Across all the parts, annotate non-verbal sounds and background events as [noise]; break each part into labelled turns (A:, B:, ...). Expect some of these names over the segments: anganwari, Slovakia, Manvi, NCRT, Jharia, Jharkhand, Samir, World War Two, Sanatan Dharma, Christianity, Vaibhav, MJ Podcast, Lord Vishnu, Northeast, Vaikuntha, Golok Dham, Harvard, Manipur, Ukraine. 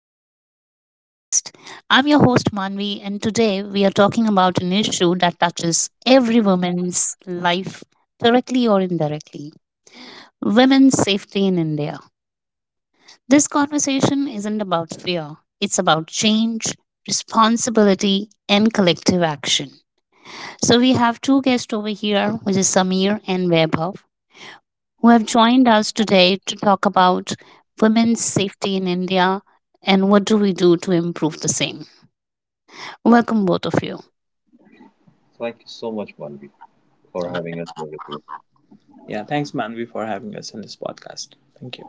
A: MJ Podcast. I'm your host Manvi, and today we are talking about an issue that touches every woman's life, directly or indirectly, women's safety in India. This conversation isn't about fear, it's about change, responsibility, and collective action. So we have two guests over here, which is Samir and Vaibhav, who have joined us today to talk about women's safety in India and what do we do to improve the same. Welcome, both of you.
B: Thank you so much, Manvi, for
C: Okay.
B: having us here with you.
C: Yeah, thanks, Manvi, for having us in this podcast. Thank you.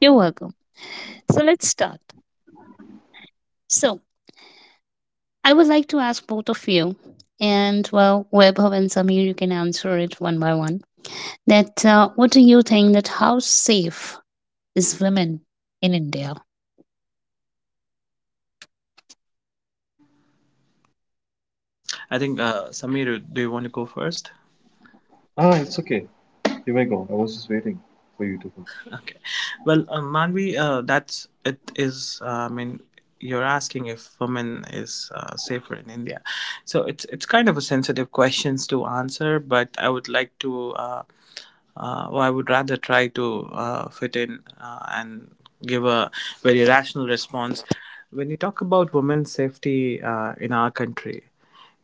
A: You're welcome. So let's start. So I would like to ask both of you, and well, Webhav and Samir, you can answer it one by one. That what do you think that how safe is women in India.
C: I think, Samir, do you want to go first?
B: Ah, it's okay. You may go. I was just waiting for you to go.
C: Okay. Well, Manvi, that's it is. I mean, you're asking if women is safer in India, so it's kind of a sensitive questions to answer. But I would like to, well, I would rather try to fit in and give a very rational response. When you talk about women's safety in our country,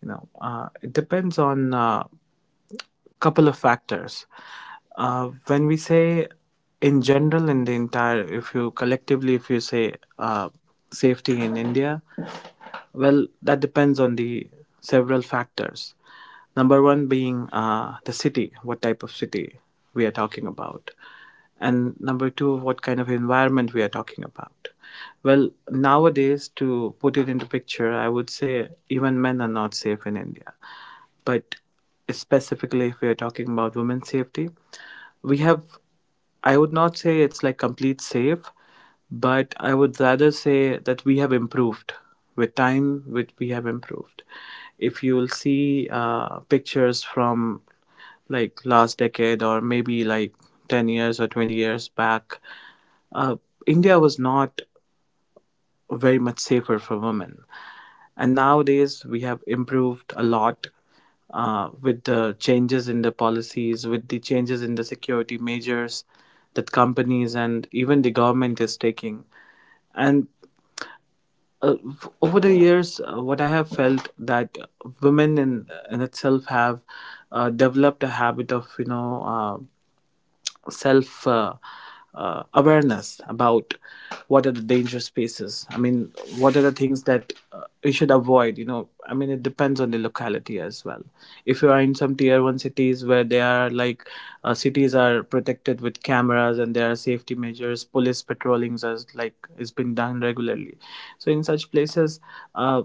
C: it depends on. Couple of factors. When we say in general, in the entire, if you collectively, if you say safety in India, well, that depends on the several factors. Number one being the city, what type of city we are talking about. And number two, what kind of environment we are talking about. Well, nowadays, to put it into picture, I would say even men are not safe in India, but specifically if we are talking about women's safety, we have, I would not say it's like complete safe, but I would rather say that we have improved with time. With We have improved. If you will see pictures from like last decade or maybe like 10 years or 20 years back, uh, India was not very much safer for women. And nowadays, we have improved a lot with the changes in the policies, with the changes in the security measures that companies and even the government is taking. And over the years, what I have felt that women in itself have developed a habit of, self awareness about what are the danger spaces. I mean, what are the things that we should avoid? I mean, it depends on the locality as well. If you are in some tier 1 cities where they are like, cities are protected with cameras and there are safety measures, police patrollings as like is being done regularly, so in such places uh,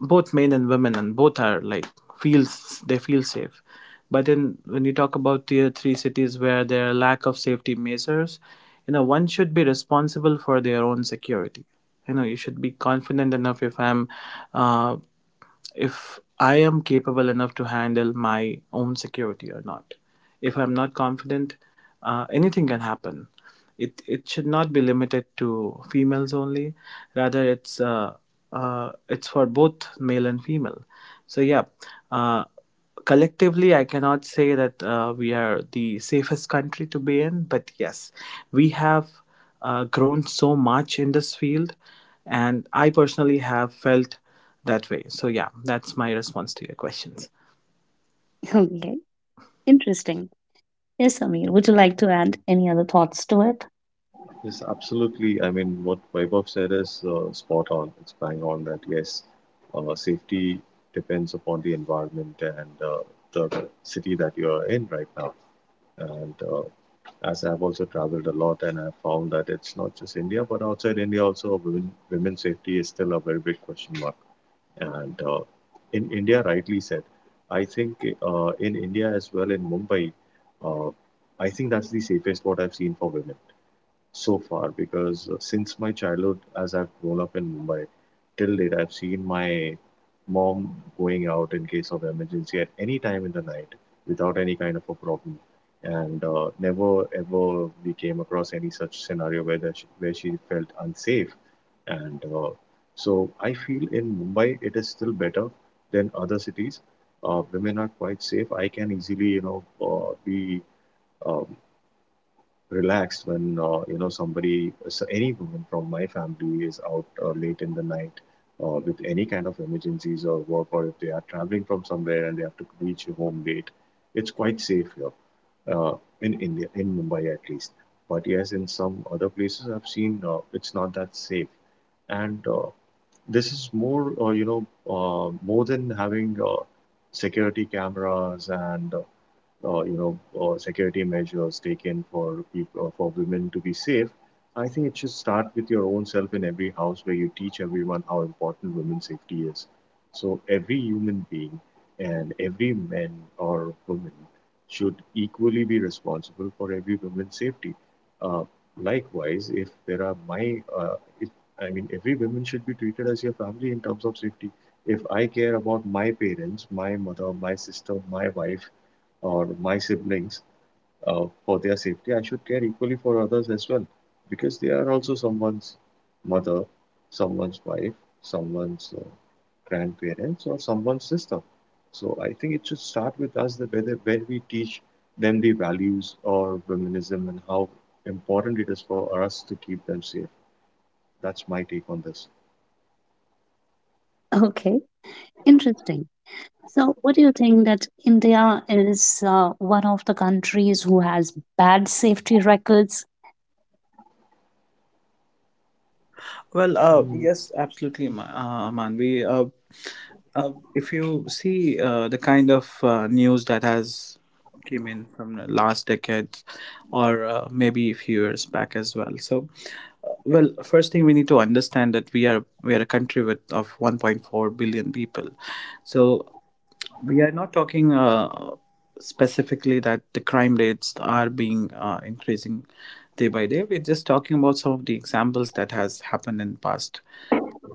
C: both men and women and both are like, feels, they feel safe. But in, when you talk about tier three cities where there are lack of safety measures, you know, one should be responsible for their own security. You know, you should be confident enough if I'm uh, if I am capable enough to handle my own security or not. If I'm not confident, anything can happen. It should not be limited to females only. Rather, it's for both male and female. So yeah, uh, collectively I cannot say that we are the safest country to be in, but yes, we have grown so much in this field. And I personally have felt that way, so yeah, that's my response to your questions.
A: Okay, interesting. Yes, Amir, would you like to add any other thoughts to it?
B: Yes, absolutely. I mean, what Vaibhav said is spot on. It's bang on that yes, safety depends upon the environment and the city that you are in right now. And as I've also traveled a lot, and I've found that it's not just India, but outside India also, women's safety is still a very big question mark. And in India, rightly said, I think in India as well, in Mumbai, uh, I think that's the safest what I've seen for women so far because since my childhood, as I've grown up in Mumbai, till date, I've seen my mom going out in case of emergency at any time in the night without any kind of a problem. And never ever we came across any such scenario where where she felt unsafe. And so I feel in Mumbai it is still better than other cities. Women are quite safe. I can easily, you know, be uh, relaxed when you know somebody so any woman from my family is out late in the night with any kind of emergencies or work, or if they are traveling from somewhere and they have to reach home late, it's quite safe here, uh, in India, in Mumbai at least. But yes, in some other places I've seen it's not that safe, and this is more you know more than having security cameras and you know, security measures taken for people, for women to be safe, I think it should start with your own self in every house, where you teach everyone how important women's safety is. So every human being and every man or woman should equally be responsible for every woman's safety. Uh, likewise, if there are my, if, I mean, every woman should be treated as your family in terms of safety. If I care about my parents, my mother, my sister, my wife, or my siblings, for their safety, I should care equally for others as well, because they are also someone's mother, someone's wife, someone's grandparents, or someone's sister. So I think it should start with us, that whether when we teach them the values or feminism and how important it is for us to keep them safe. That's my take on this.
A: Okay, interesting. So, what do you think that India is one of the countries who has bad safety records?
C: Well,
B: Mm.
C: yes, absolutely, Manvi. If you see the kind of news that has came in from the last decade, or maybe a few years back as well. So well, first thing we need to understand that we are a country with of 1.4 billion people. So we are not talking specifically that the crime rates are being increasing day by day. We're just talking about some of the examples that has happened in past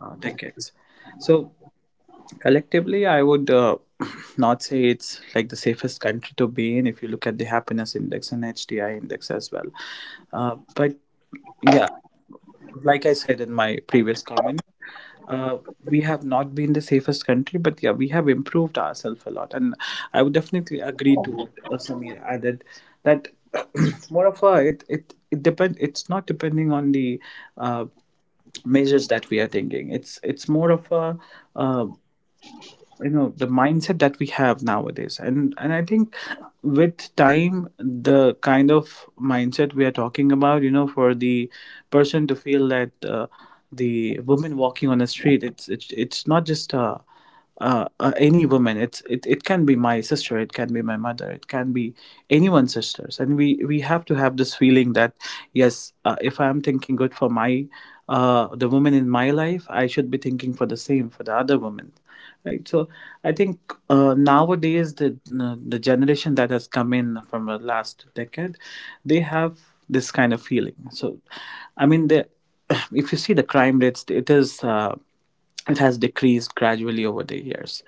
C: decades. So collectively, I would [clears throat] not say it's like the safest country to be in if you look at the happiness index and HDI index as well. But yeah, like I said in my previous comment, uh, we have not been the safest country, but yeah, we have improved ourselves a lot. And I would definitely agree to what Samir added, that [clears throat] more of a, it depend. It's not depending on the uh, measures that we are taking. It's more of a, uh, you know, the mindset that we have nowadays. And I think with time the kind of mindset we are talking about, you know, for the person to feel that the woman walking on the street, it's not just any woman. It can be my sister, it can be my mother, it can be anyone's sisters. And we have to have this feeling that yes, if I'm thinking good for my the woman in my life, I should be thinking for the same for the other woman, right? So I think nowadays, the generation that has come in from the last decade, they have this kind of feeling. So I mean, the [clears throat] if you see the crime rates, it is it has decreased gradually over the years.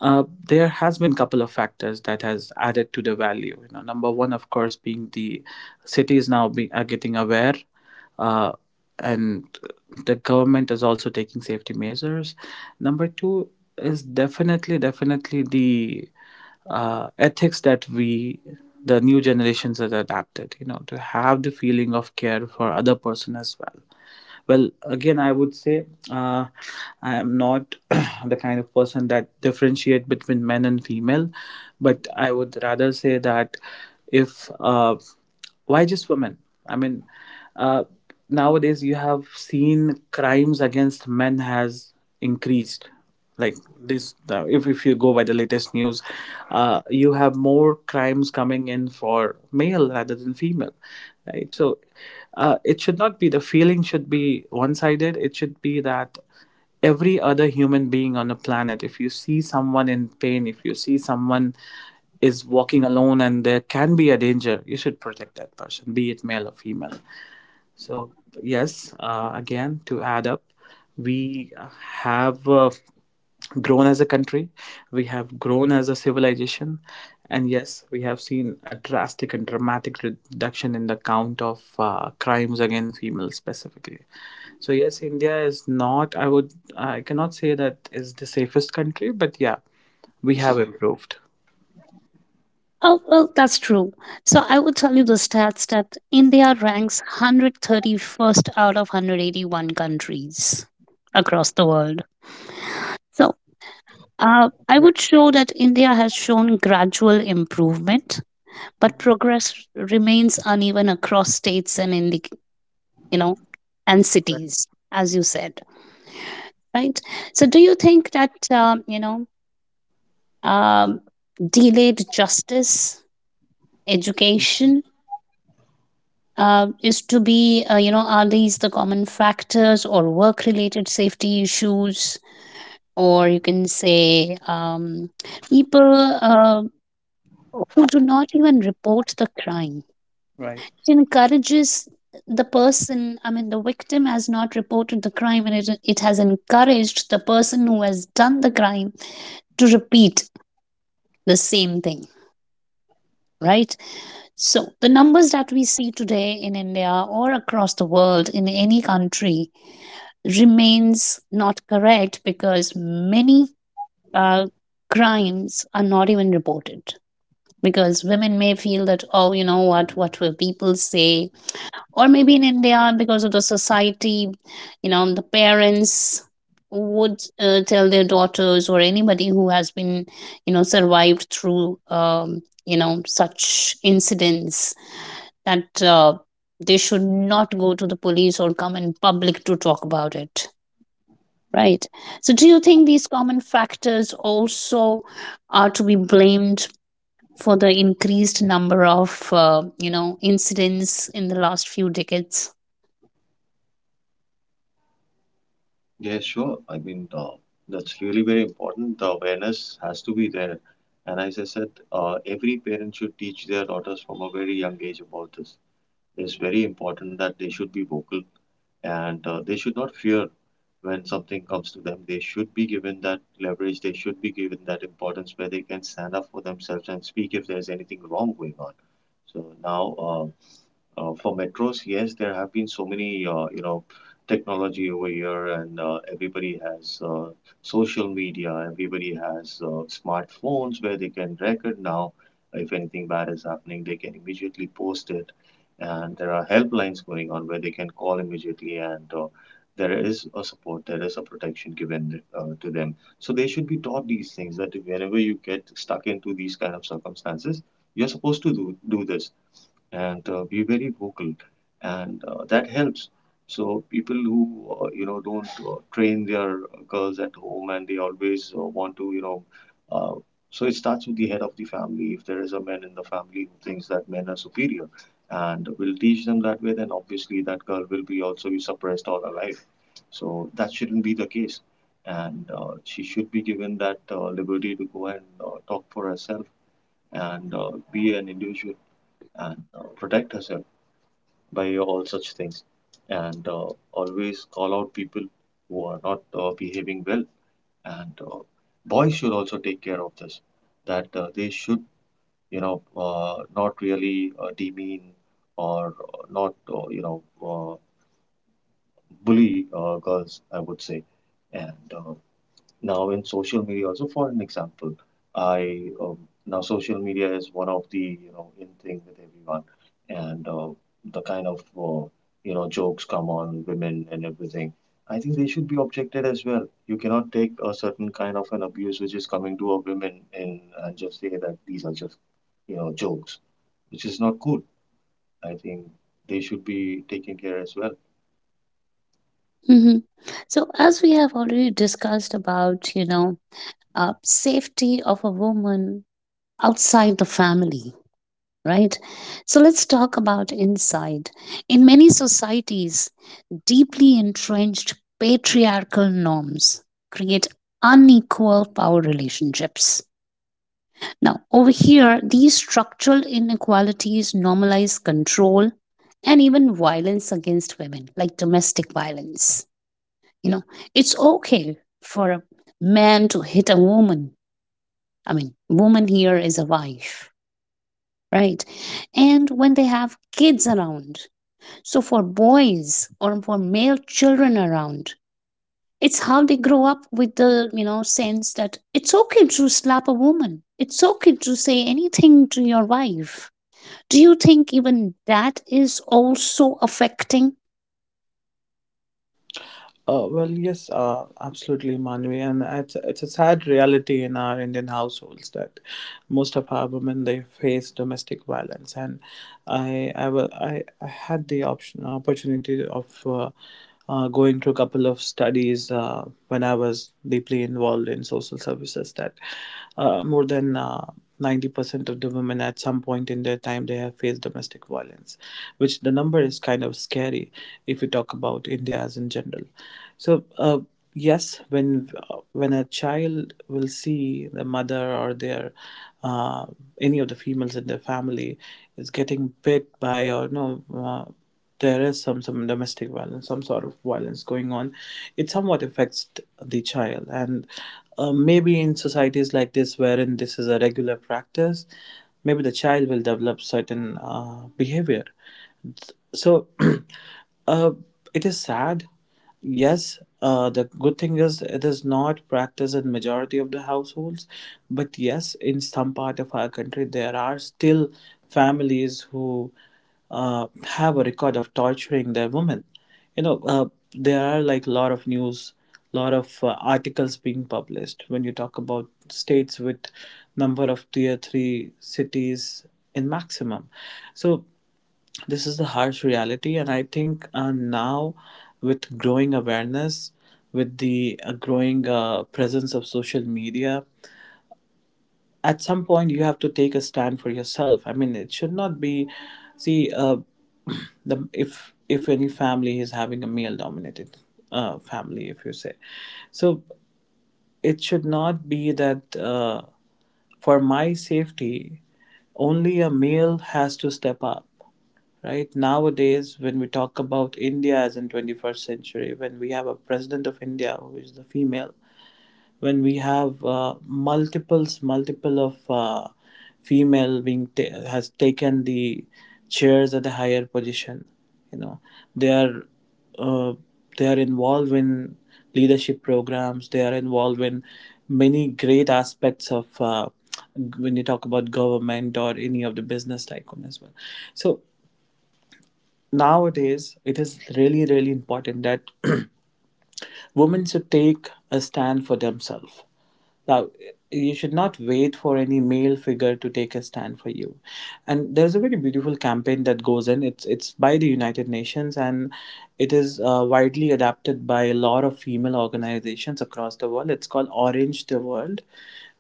C: There has been couple of factors that has added to the value. You know, number one, of course, being the cities now be, are getting aware, uh, and the government is also taking safety measures. Number two is definitely, definitely the ethics that we, the new generations, has adapted. You know, to have the feeling of care for other person as well. Well, again, I would say, I am not [clears throat] the kind of person that differentiate between men and female, but I would rather say that if why just women? I mean, uh, nowadays you have seen crimes against men has increased like this. If you go by the latest news, you have more crimes coming in for male rather than female, right? So it should not be, the feeling should be one-sided. It should be that every other human being on the planet, if you see someone in pain, if you see someone is walking alone and there can be a danger, you should protect that person, be it male or female. So, yes, again, to add up, we have grown as a country, we have grown as a civilization, and yes, we have seen a drastic and dramatic reduction in the count of crimes against females specifically. So, yes, India is not, I would, I cannot say that is the safest country, but yeah, we have improved.
A: Oh, well, that's true. So I would tell you the stats that India ranks 131st out of 181 countries across the world. So I
C: Right.
A: would show that India has shown gradual improvement, but
C: Mhm.
A: progress remains uneven across states and in the, you know, and
C: Right.
A: cities, as you said, right? So do you think that, you know, um, delayed justice, education,
C: Mhm.
A: is to be, you know, are these the common factors or work related safety issues? Or you can say people uh, who do not even report the crime.
C: Right.
A: It encourages the person, I mean, the victim has not reported the crime and it has encouraged the person who has done the crime to repeat the same thing, right? So the numbers that we see today in India or across the world in any country remains not correct because many uh, crimes are not even reported because women may feel that oh, you know, what will people say, or maybe in india because of the society, you know, the parents would tell their daughters or anybody who has been, you know, survived through you know, such incidents that they should not go to the police or come in public to talk about it. Right. So, do you think these common factors also are to be blamed for the increased number of, you know, incidents in the last few decades?
B: Yeah, sure. I mean, that's really very important. The awareness has to be there. And as I said, every parent should teach their daughters from a very young age about this. It's very important that they should be vocal and they should not fear when something comes to them. They should be given that leverage, they should be given that importance where they can stand up for themselves and speak if there's anything wrong going on. So now, for metros, yes, there have been so many, you know, technology over here, and everybody has social media. Everybody has smartphones where they can record now. If anything bad is happening, they can immediately post it, and there are helplines going on where they can call immediately, and there is a support, there is a protection given to them. So they should be taught these things, that whenever you get stuck into these kind of circumstances, you're supposed to do this and be very vocal and that helps. So people who you know don't train their girls at home, and they always want to you know uh, so it starts with the head of the family. If there is a man in the family who thinks that men are superior and will teach them that way, then obviously that girl will be also be suppressed all her life. So that shouldn't be the case, and she should be given that liberty to go and talk for herself and be an individual and protect herself by all such things and always call out people who are not behaving well, and boys should also take care of this, that they should you know not really demean or not you know uh, bully girls, I would say. And now, in social media, also for an example, I now social media is one of the you know in thing with everyone, and the kind of you know jokes come on women and everything. I think they should be objected as well. You cannot take a certain kind of an abuse which is coming to a women in and just say that these are just you know jokes, which is not cool. I think they should be taken care as well.
A: hmm So, as we have already discussed about, you know, safety of a woman outside the family, right? So, let's talk about inside. In many societies, deeply entrenched patriarchal norms create unequal power relationships. Now, over here, these structural inequalities normalize control and even violence against women, like domestic violence. You know, it's okay for a man to hit a woman. I mean, woman here is a wife, right? And when they have kids around, so for boys or for male children around, it's how they grow up with the, you know, sense that it's okay to slap a woman, it's okay to say anything to your wife. Do you think even that is also affecting?
C: Well, yes, absolutely, Manvi, and it's a sad reality in our Indian households that most of our women they face domestic violence. And I had the option opportunity of going through a couple of studies when I was deeply involved in social services, that more than. 90% of the women at some point in their time they have faced domestic violence, which the number is kind of scary if we talk about India as in general. So yes, when a child will see the mother or their uh, any of the females in their family is getting bit by, or no, there is some domestic violence, some sort of violence going on, it somewhat affects the child. And maybe in societies like this, wherein this is a regular practice, maybe the child will develop certain behavior. So [clears throat] uh, it is sad. Yes, the good thing is it is not practiced in majority of the households, but yes, in some part of our country there are still families who uh, have a record of torturing their women. you know uh, there are like a lot of news, lot of articles being published when you talk about states with number of tier 3 cities in maximum. So this is the harsh reality. And I think now, with growing awareness, with the growing presence of social media, at some point you have to take a stand for yourself. I mean, it should not be, see, [clears throat] the if any family is having a male dominated family, if you say. So it should not be that for my safety only a male has to step up, right? Nowadays, when we talk about India as in 21st century, when we have a president of India who is the female, when we have multiple of female being has taken the chairs at the higher position, you know, they are uh, they are involved in leadership programs, they are involved in many great aspects of when you talk about government or any of the business tycoon as well. So nowadays it is really really important that [clears throat] women should take a stand for themselves. Now, you should not wait for any male figure to take a stand for you. And there's a very beautiful campaign that goes in, it's by the United Nations. And it is widely adapted by a lot of female organizations across the world. It's called Orange the World,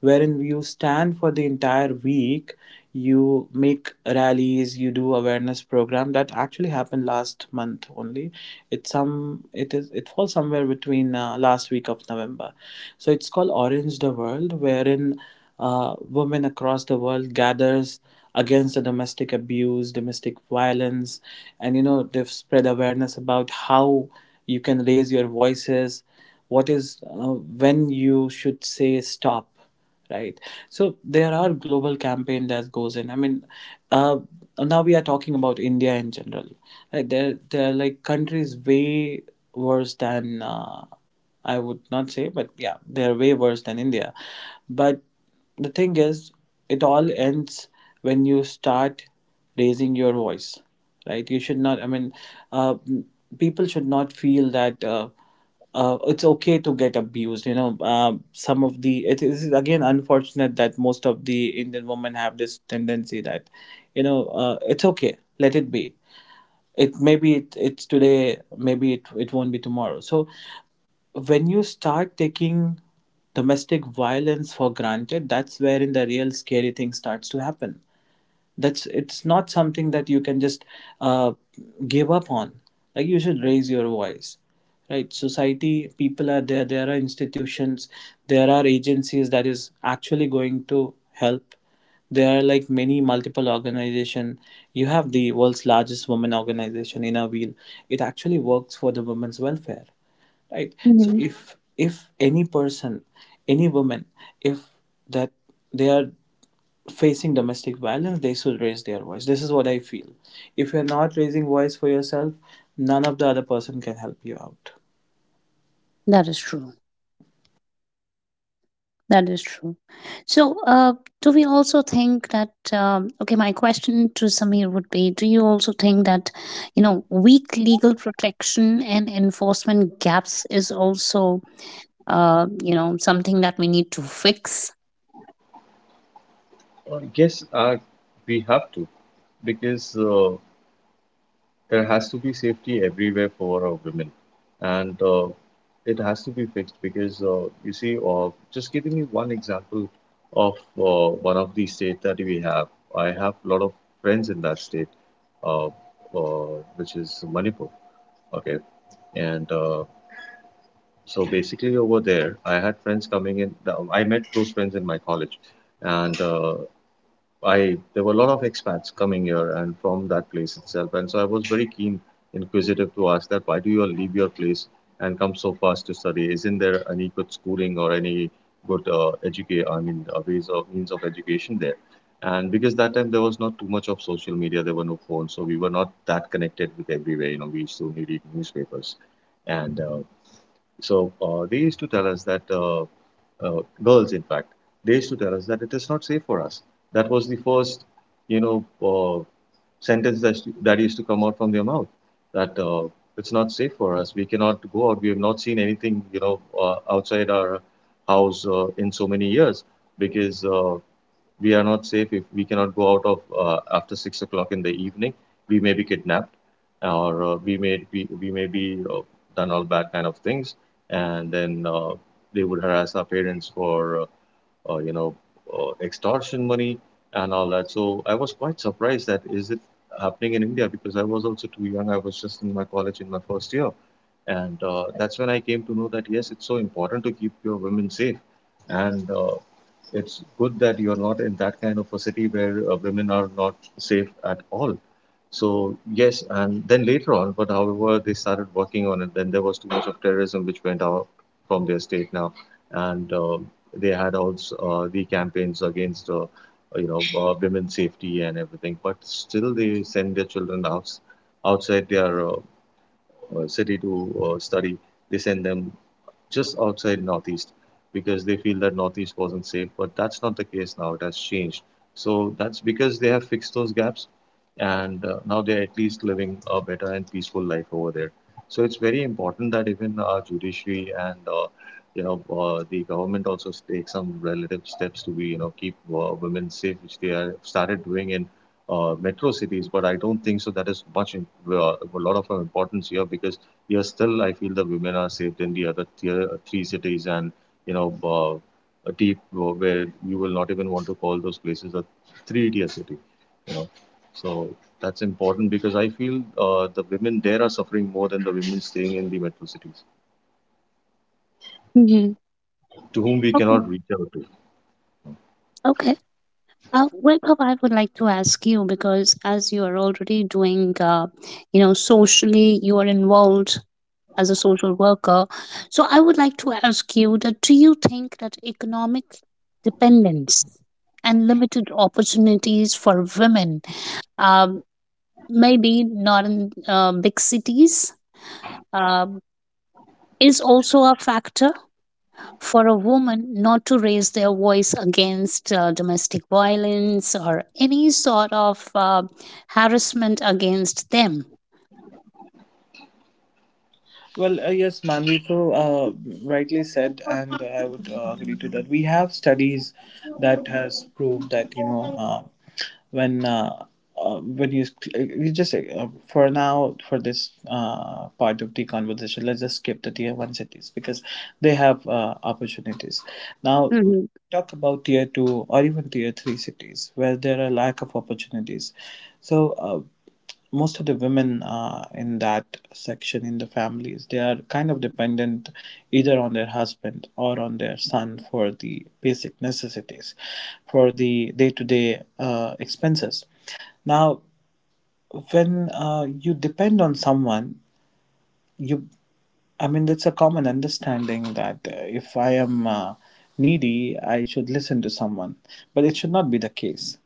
C: wherein you stand for the entire week. You make rallies, you do awareness program that actually happened last month only. It's some it is it falls somewhere between last week of November. So it's called Orange the World, wherein women across the world gathers against the domestic violence. And you know, they've spread awareness about how you can raise your voices, what is when you should say stop, right? So there are global campaign that goes in. Uh, Now we are talking about India in general, right? There are like countries way worse than I would not say, but yeah, they're way worse than India. But the thing is, it all ends when you start raising your voice. Right, you should not. Uh, People should not feel that it's okay to get abused, you know. Some of the it is again unfortunate that most of the Indian women have this tendency that you know, it's okay, let it be. It maybe it's today, maybe it won't be tomorrow. So when you start taking domestic violence for granted, that's wherein the real scary thing starts to happen. That's it's not something that you can just uh, give up on. Like, you should raise your voice, right? Society, people are there, there are institutions, there are agencies that is actually going to help. There are like many multiple organization. You have the world's largest women organization in A Wheel. It actually works for the women's welfare, right? So
A: Mhm.
C: if any person, any woman, if that they are facing domestic violence, they should raise their voice. This is what I feel. If you're not raising voice for yourself, none of the other person can help you out.
A: That is true, that is true. So do we also think that okay, my question to Samir would be, do you also think that you know weak legal protection and enforcement gaps is also you know, something that we need to fix?
B: Yes, we have to, because there has to be safety everywhere for women, and it has to be fixed because you see just giving you one example of one of the states that we have, I have a lot of friends in that state, uh, which is Manipur, okay. And so basically over there I had friends coming in, I met those friends in my college, and I there were a lot of expats coming here and from that place itself, and so I was very keen, inquisitive to ask that why do you all leave your place and come so fast to study? Isn't there any good schooling or any good educate? I mean, ways of means of education there? And because that time there was not too much of social media, there were no phones, so we were not that connected with everywhere. You know, we used to read newspapers, and so they used to tell us that. Girls in fact they used to tell us that it is not safe for us. That was the first you know uh, sentence that used to come out from their mouth, that it's not safe for us, we cannot go out, we have not seen anything you know outside our house in so many years, because we are not safe, if we cannot go out of after 6 o'clock in the evening, we may be kidnapped or we may be done all bad kind of things, and then they would harass our parents for uh, uh, you know extortion money and all that. So I was quite surprised, that is it happening in India? Because I was also too young, I was just in my college in my first year, and that's when I came to know that yes, it's so important to keep your women safe, and it's good that you're not in that kind of a city where women are not safe at all. So yes, and then later on, but however, they started working on it, then there was too much of terrorism which went out from their state now, and they had also the campaigns against you know women's safety and everything, but still they send their children out outside their city to study. They send them just outside Northeast, because they feel that Northeast wasn't safe. But that's not the case now. It has changed. So that's because they have fixed those gaps, and now they're at least living a better and peaceful life over there. So it's very important that even our judiciary and you know the government also take some relative steps to be you know keep women safe, which they have started doing in metro cities. But I don't think so. That is much a lot of importance here because yes, still I feel the women are saved in the other tier, three cities and you know a deep where you will not even want to call those places a three tier city, you know. So that's important because I feel the women there are suffering more than the women staying in the metro cities,
A: Mhm.
B: to whom we cannot reach out to.
A: Okay. Vaibhav, I would like to ask you because as you are already doing, you know, socially, you are involved as a social worker. So I would like to ask you that do you think that economic dependence and limited opportunities for women, um, maybe not in big cities, um, is also a factor for a woman not to raise their voice against domestic violence or any sort of harassment against them.
C: Well, yes, Manvito rightly said, and I would agree to that. We have studies that has proved that, you know, when uh, when you you just for now, for this part of the conversation, let's just skip the tier one cities because they have opportunities. Now
A: Mm-hmm.
C: talk about tier two or even tier three cities where there are lack of opportunities. So most of the women in that section, in the families, they are kind of dependent either on their husband or on their son for the basic necessities, for the day-to-day expenses. Now when you depend on someone, you, I mean, it's a common understanding that if I am needy, I should listen to someone, but it should not be the case,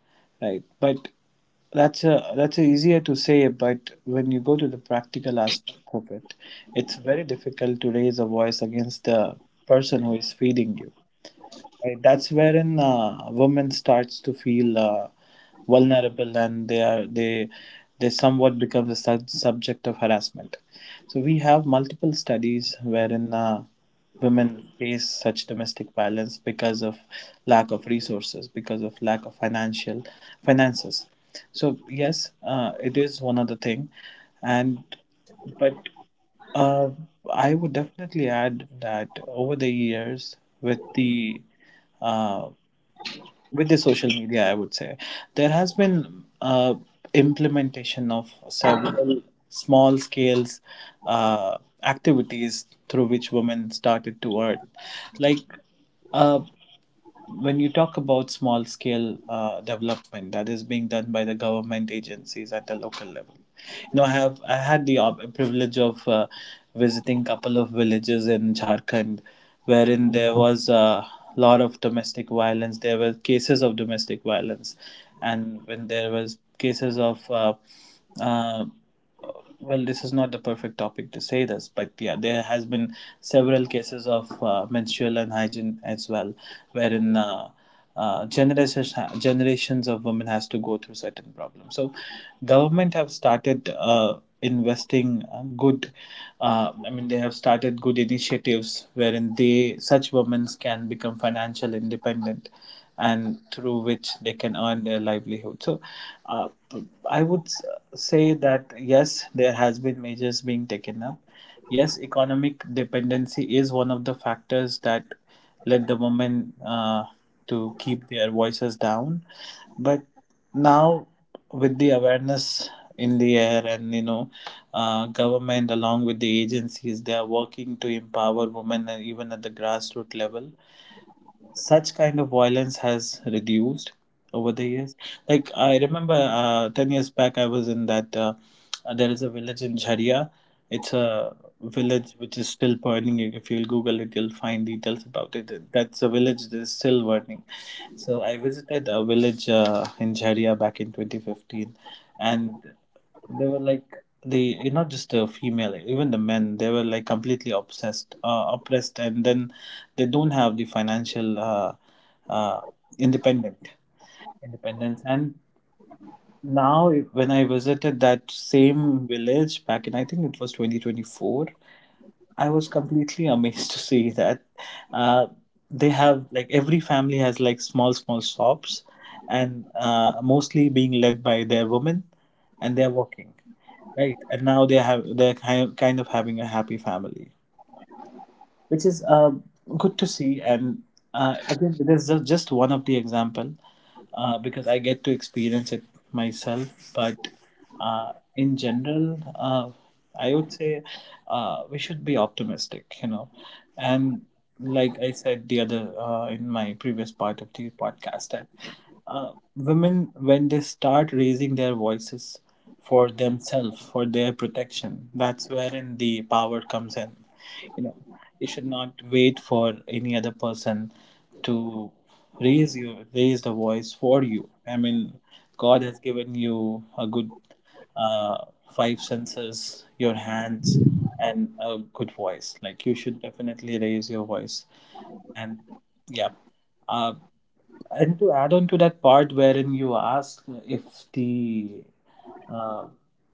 C: right? But that's a easier to say, but when you go to the practical aspect of it, it's very difficult to raise a voice against the person who is feeding you. Right, that's wherein women starts to feel vulnerable and they somewhat become the subject of harassment. So we have multiple studies wherein women face such domestic violence because of lack of resources, because of lack of financial finances. So yes, it is one of the thing, and but. Uh, I would definitely add that over the years, uh, with the social media, I would say there has been implementation of several small scales activities through which women started to earn, like uh when you talk about small scale development that is being done by the government agencies at the local level. You know, I had the privilege of visiting couple of villages in Jharkhand, wherein there was a lot of domestic violence, there were cases of domestic violence. And when there was cases of uh, well, this is not the perfect topic to say this, but yeah, there has been several cases of menstrual unhygiene as well, wherein uh, generations generations of women has to go through certain problems. So government have started investing good they have started good initiatives wherein they such women can become financial independent and through which they can earn their livelihood. So, uh, I would say that yes, there has been measures being taken up. Yes, economic dependency is one of the factors that led the women to keep their voices down. But now, with the awareness in the air, and you know, government along with the agencies, they are working to empower women, and even at the grassroots level such kind of violence has reduced over the years. Like I remember 10 years back, I was in that. There is a village in Jharia. It's a village which is still burning. If you'll Google it, you'll find details about it. That's a village that is still burning. So I visited a village in Jharia back in 2015, and they were like the not just the female, even the men. They were like completely obsessed, oppressed, and then they don't have the financial uh, independent independence. And now when I visited that same village back in, I think it was 2024, I was completely amazed [laughs] to see that uh, they have like every family has like small small shops, and mostly being led by their women, and they're working, right? And now they have they're kind of having a happy family, which is good to see. And again, it is just one of the example because I get to experience it myself. But in general, I would say we should be optimistic, you know. And like I said the other in my previous part of the podcast, that women when they start raising their voices for themselves, for their protection, that's wherein the power comes in, you know. You should not wait for any other person to raise the voice for you. I mean, God has given you a good uh, five senses, your hands, and a good voice. Like you should definitely raise your voice. And yeah, uh, and to add on to that part wherein you ask if the uh,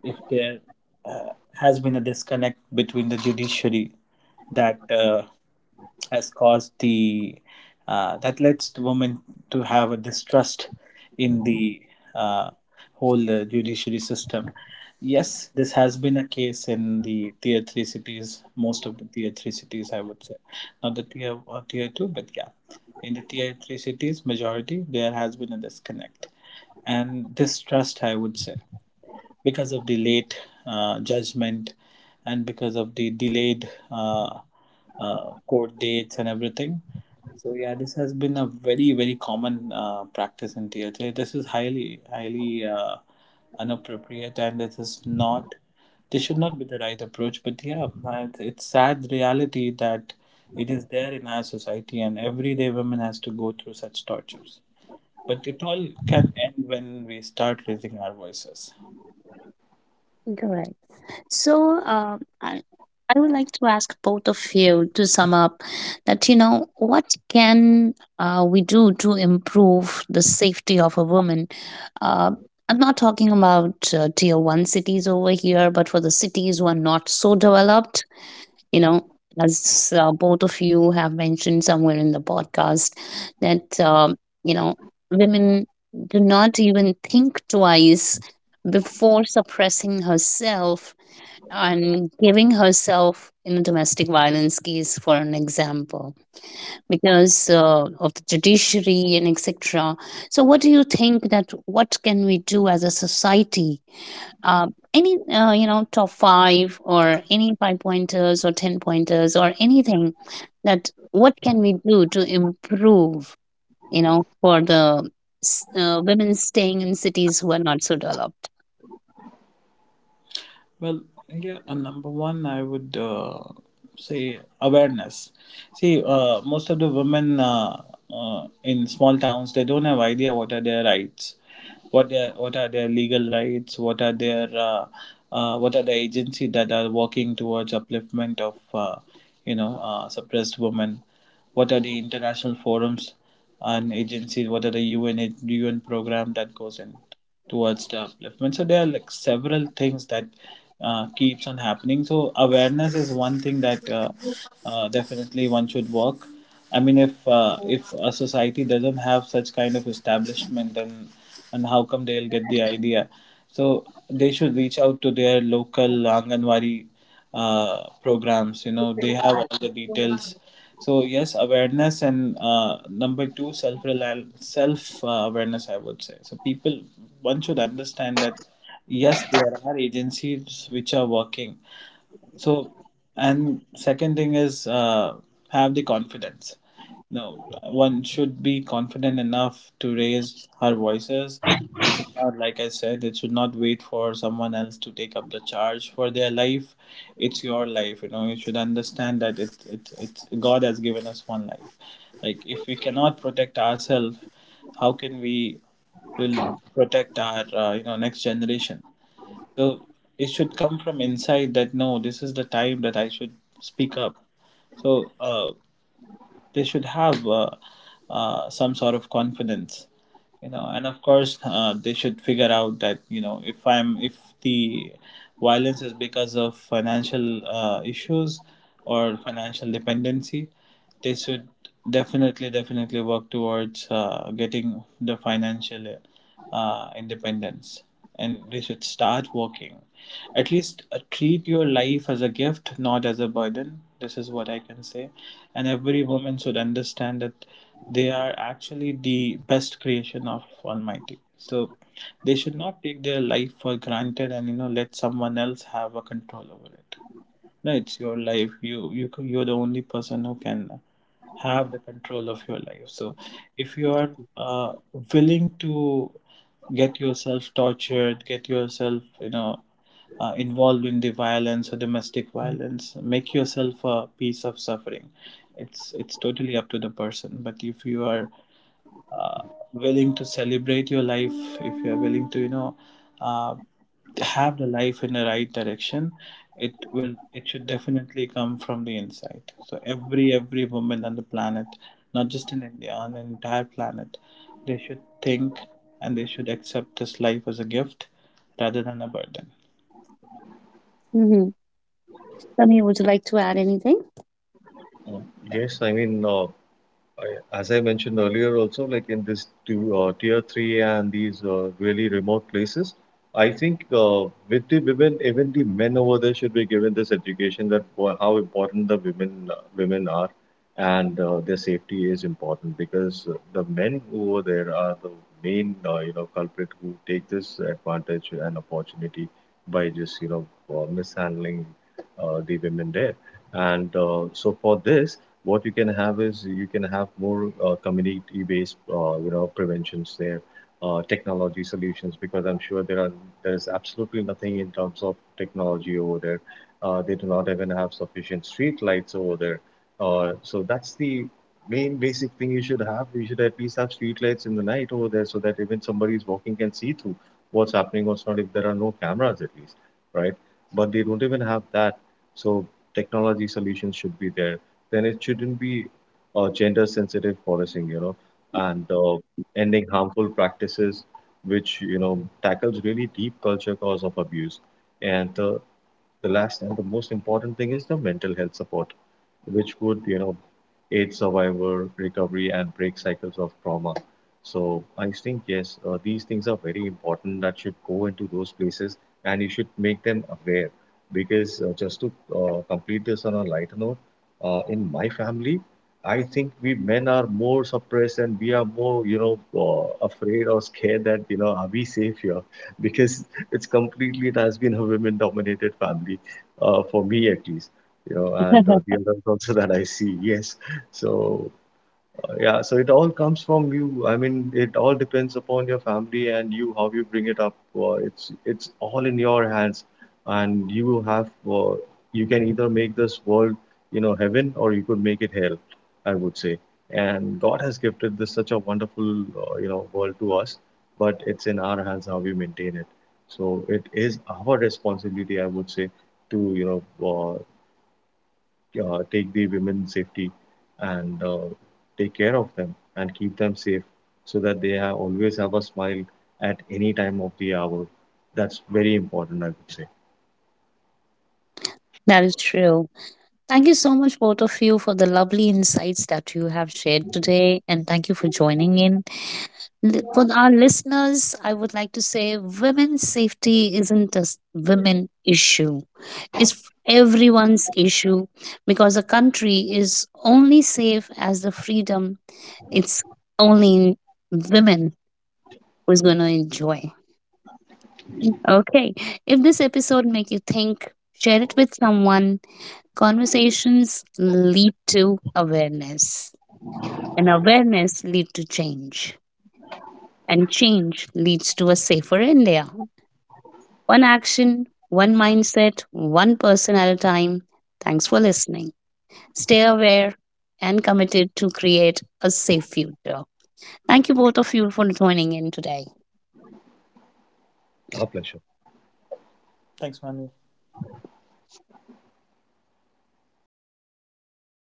C: if there uh, has been a disconnect between the judiciary that has caused the that leads the women to have a distrust in the uh, whole judiciary system. Yes, this has been a case in the tier three cities, most of the tier three cities, I would say, not the tier two, but yeah, in the tier three cities, majority there has been a disconnect and distrust, I would say, because of the late judgment and because of the delayed court dates and everything. So yeah, this has been a very common practice in TLJ. This is highly inappropriate, and this is not. This should not be the right approach. But yeah, but it's sad reality that it is there in our society, and everyday women has to go through such tortures. But it all can end when we start raising our voices.
A: Correct. So, I would like to ask both of you to sum up that, you know, what can we do to improve the safety of a woman? Uh, I'm not talking about tier one cities over here, but for the cities who are not so developed, you know, as both of you have mentioned somewhere in the podcast that you know, women do not even think twice before suppressing herself and giving herself in a domestic violence case for an example because of the judiciary and etc. So what do you think that what can we do as a society, uh, any you know, top five or any five pointers or ten pointers or anything, that what can we do to improve, you know, for the women staying in cities who are not so developed?
C: Well, yeah, number one, I would say awareness. See, most of the women in small towns, they don't have idea what are their rights, what are their legal rights, what are their what are the agency that are working towards upliftment of you know, suppressed women, what are the international forums and agencies, what are the UN program that goes in towards development. So there are like several things that keeps on happening. So awareness is one thing that definitely one should work. I mean, if a society doesn't have such kind of establishment, then and how come they'll get the idea? So they should reach out to their local anganwari programs, you know, they have all the details. So yes, awareness, and number two, self awareness I would say. So people, one should understand that yes, there are agencies which are working. So and second thing is have the confidence. No, one should be confident enough to raise her voices. They should not, like I said, it should not wait for someone else to take up the charge for their life. It's your life, you know, you should understand that it's god has given us one life. Like, if we cannot protect ourselves, how can we will protect our you know, next generation. So it should come from inside that no, this is the time that I should speak up. So they should have some sort of confidence, you know. And of course, they should figure out that you know, if I'm if the violence is because of financial issues or financial dependency, they should definitely work towards getting the financial independence, and they should start working. At least treat your life as a gift, not as a burden. This is what I can say. And every woman should understand that they are actually the best creation of almighty. So they should not take their life for granted and, you know, let someone else have a control over it. No, it's your life. You you're the only person who can have the control of your life. So if you are uh, willing to get yourself tortured, get yourself, you know, involved in the violence or domestic violence, make yourself a piece of suffering. It's totally up to the person. But if you are uh, willing to celebrate your life, if you are willing to, you know, Uh, have the life in the right direction, it should definitely come from the inside. So every woman on the planet, not just in India, on the entire planet, they should think, and they should accept this life as a gift rather than a burden.
A: Mm-hmm. Sunny, would you like to add anything?
B: Uh, Yes, I mean I- As I mentioned earlier, also like in this two, tier three and these really remote places, I think with the women, even the men over there should be given this education, that wha- how important the women are, and their safety is important, because the men over there are the main you know culprit who take this advantage and opportunity, by just you know mishandling the women there, and so for this what you can have is, you can have more community-based you know preventions there, technology solutions, because I'm sure there are there is absolutely nothing in terms of technology over there. They do not even have sufficient street lights over there, so that's the main basic thing you should have. You should at least have street lights in the night over there so that even somebody is walking can see through what's happening, what's not, if there are no cameras at least, right? But they don't even have that. So technology solutions should be there. Then it shouldn't be gender sensitive policing, you know, and ending harmful practices, which, you know, tackles really deep culture cause of abuse. And the last and the most important thing is the mental health support, which would, you know, aid survivor recovery and break cycles of trauma. So I think yes, these things are very important that should go into those places, and you should make them aware. Because just to complete this on a lighter note, in my family, I think we men are more suppressed and we are more, you know, afraid or scared that, you know, are we safe here? [laughs] Because it's completely it has been a women dominated family, for me at least, you know. And the others also [laughs] that I see, yes. So yeah, so it all comes from you. I mean, it all depends upon your family and you, how you bring it up. It's all in your hands, and you have uh, you can either make this world, you know, heaven, or you could make it hell, I would say. And God has gifted this such a wonderful, you know, world to us, but it's in our hands how we maintain it. So it is our responsibility, I would say, to you know, uh, take the women safety and take care of them and keep them safe, so that they have always have a smile at any time of the hour. That's very important, I would say.
A: That is true. Thank you so much both of you for the lovely insights that you have shared today, and thank you for joining in. For our listeners, I would like to say women's safety isn't a women issue. It's everyone's issue because a country is only safe as the freedom it's only women who's going to enjoy. Okay. If this episode make you think, share it with someone. Conversations lead to awareness, and awareness lead to change, and change leads to a safer India. One action, one mindset, one person at a time. Thanks for listening. Stay aware and committed to create a safe future. Thank you both of you for joining in today.
B: Our pleasure.
C: Thanks, man.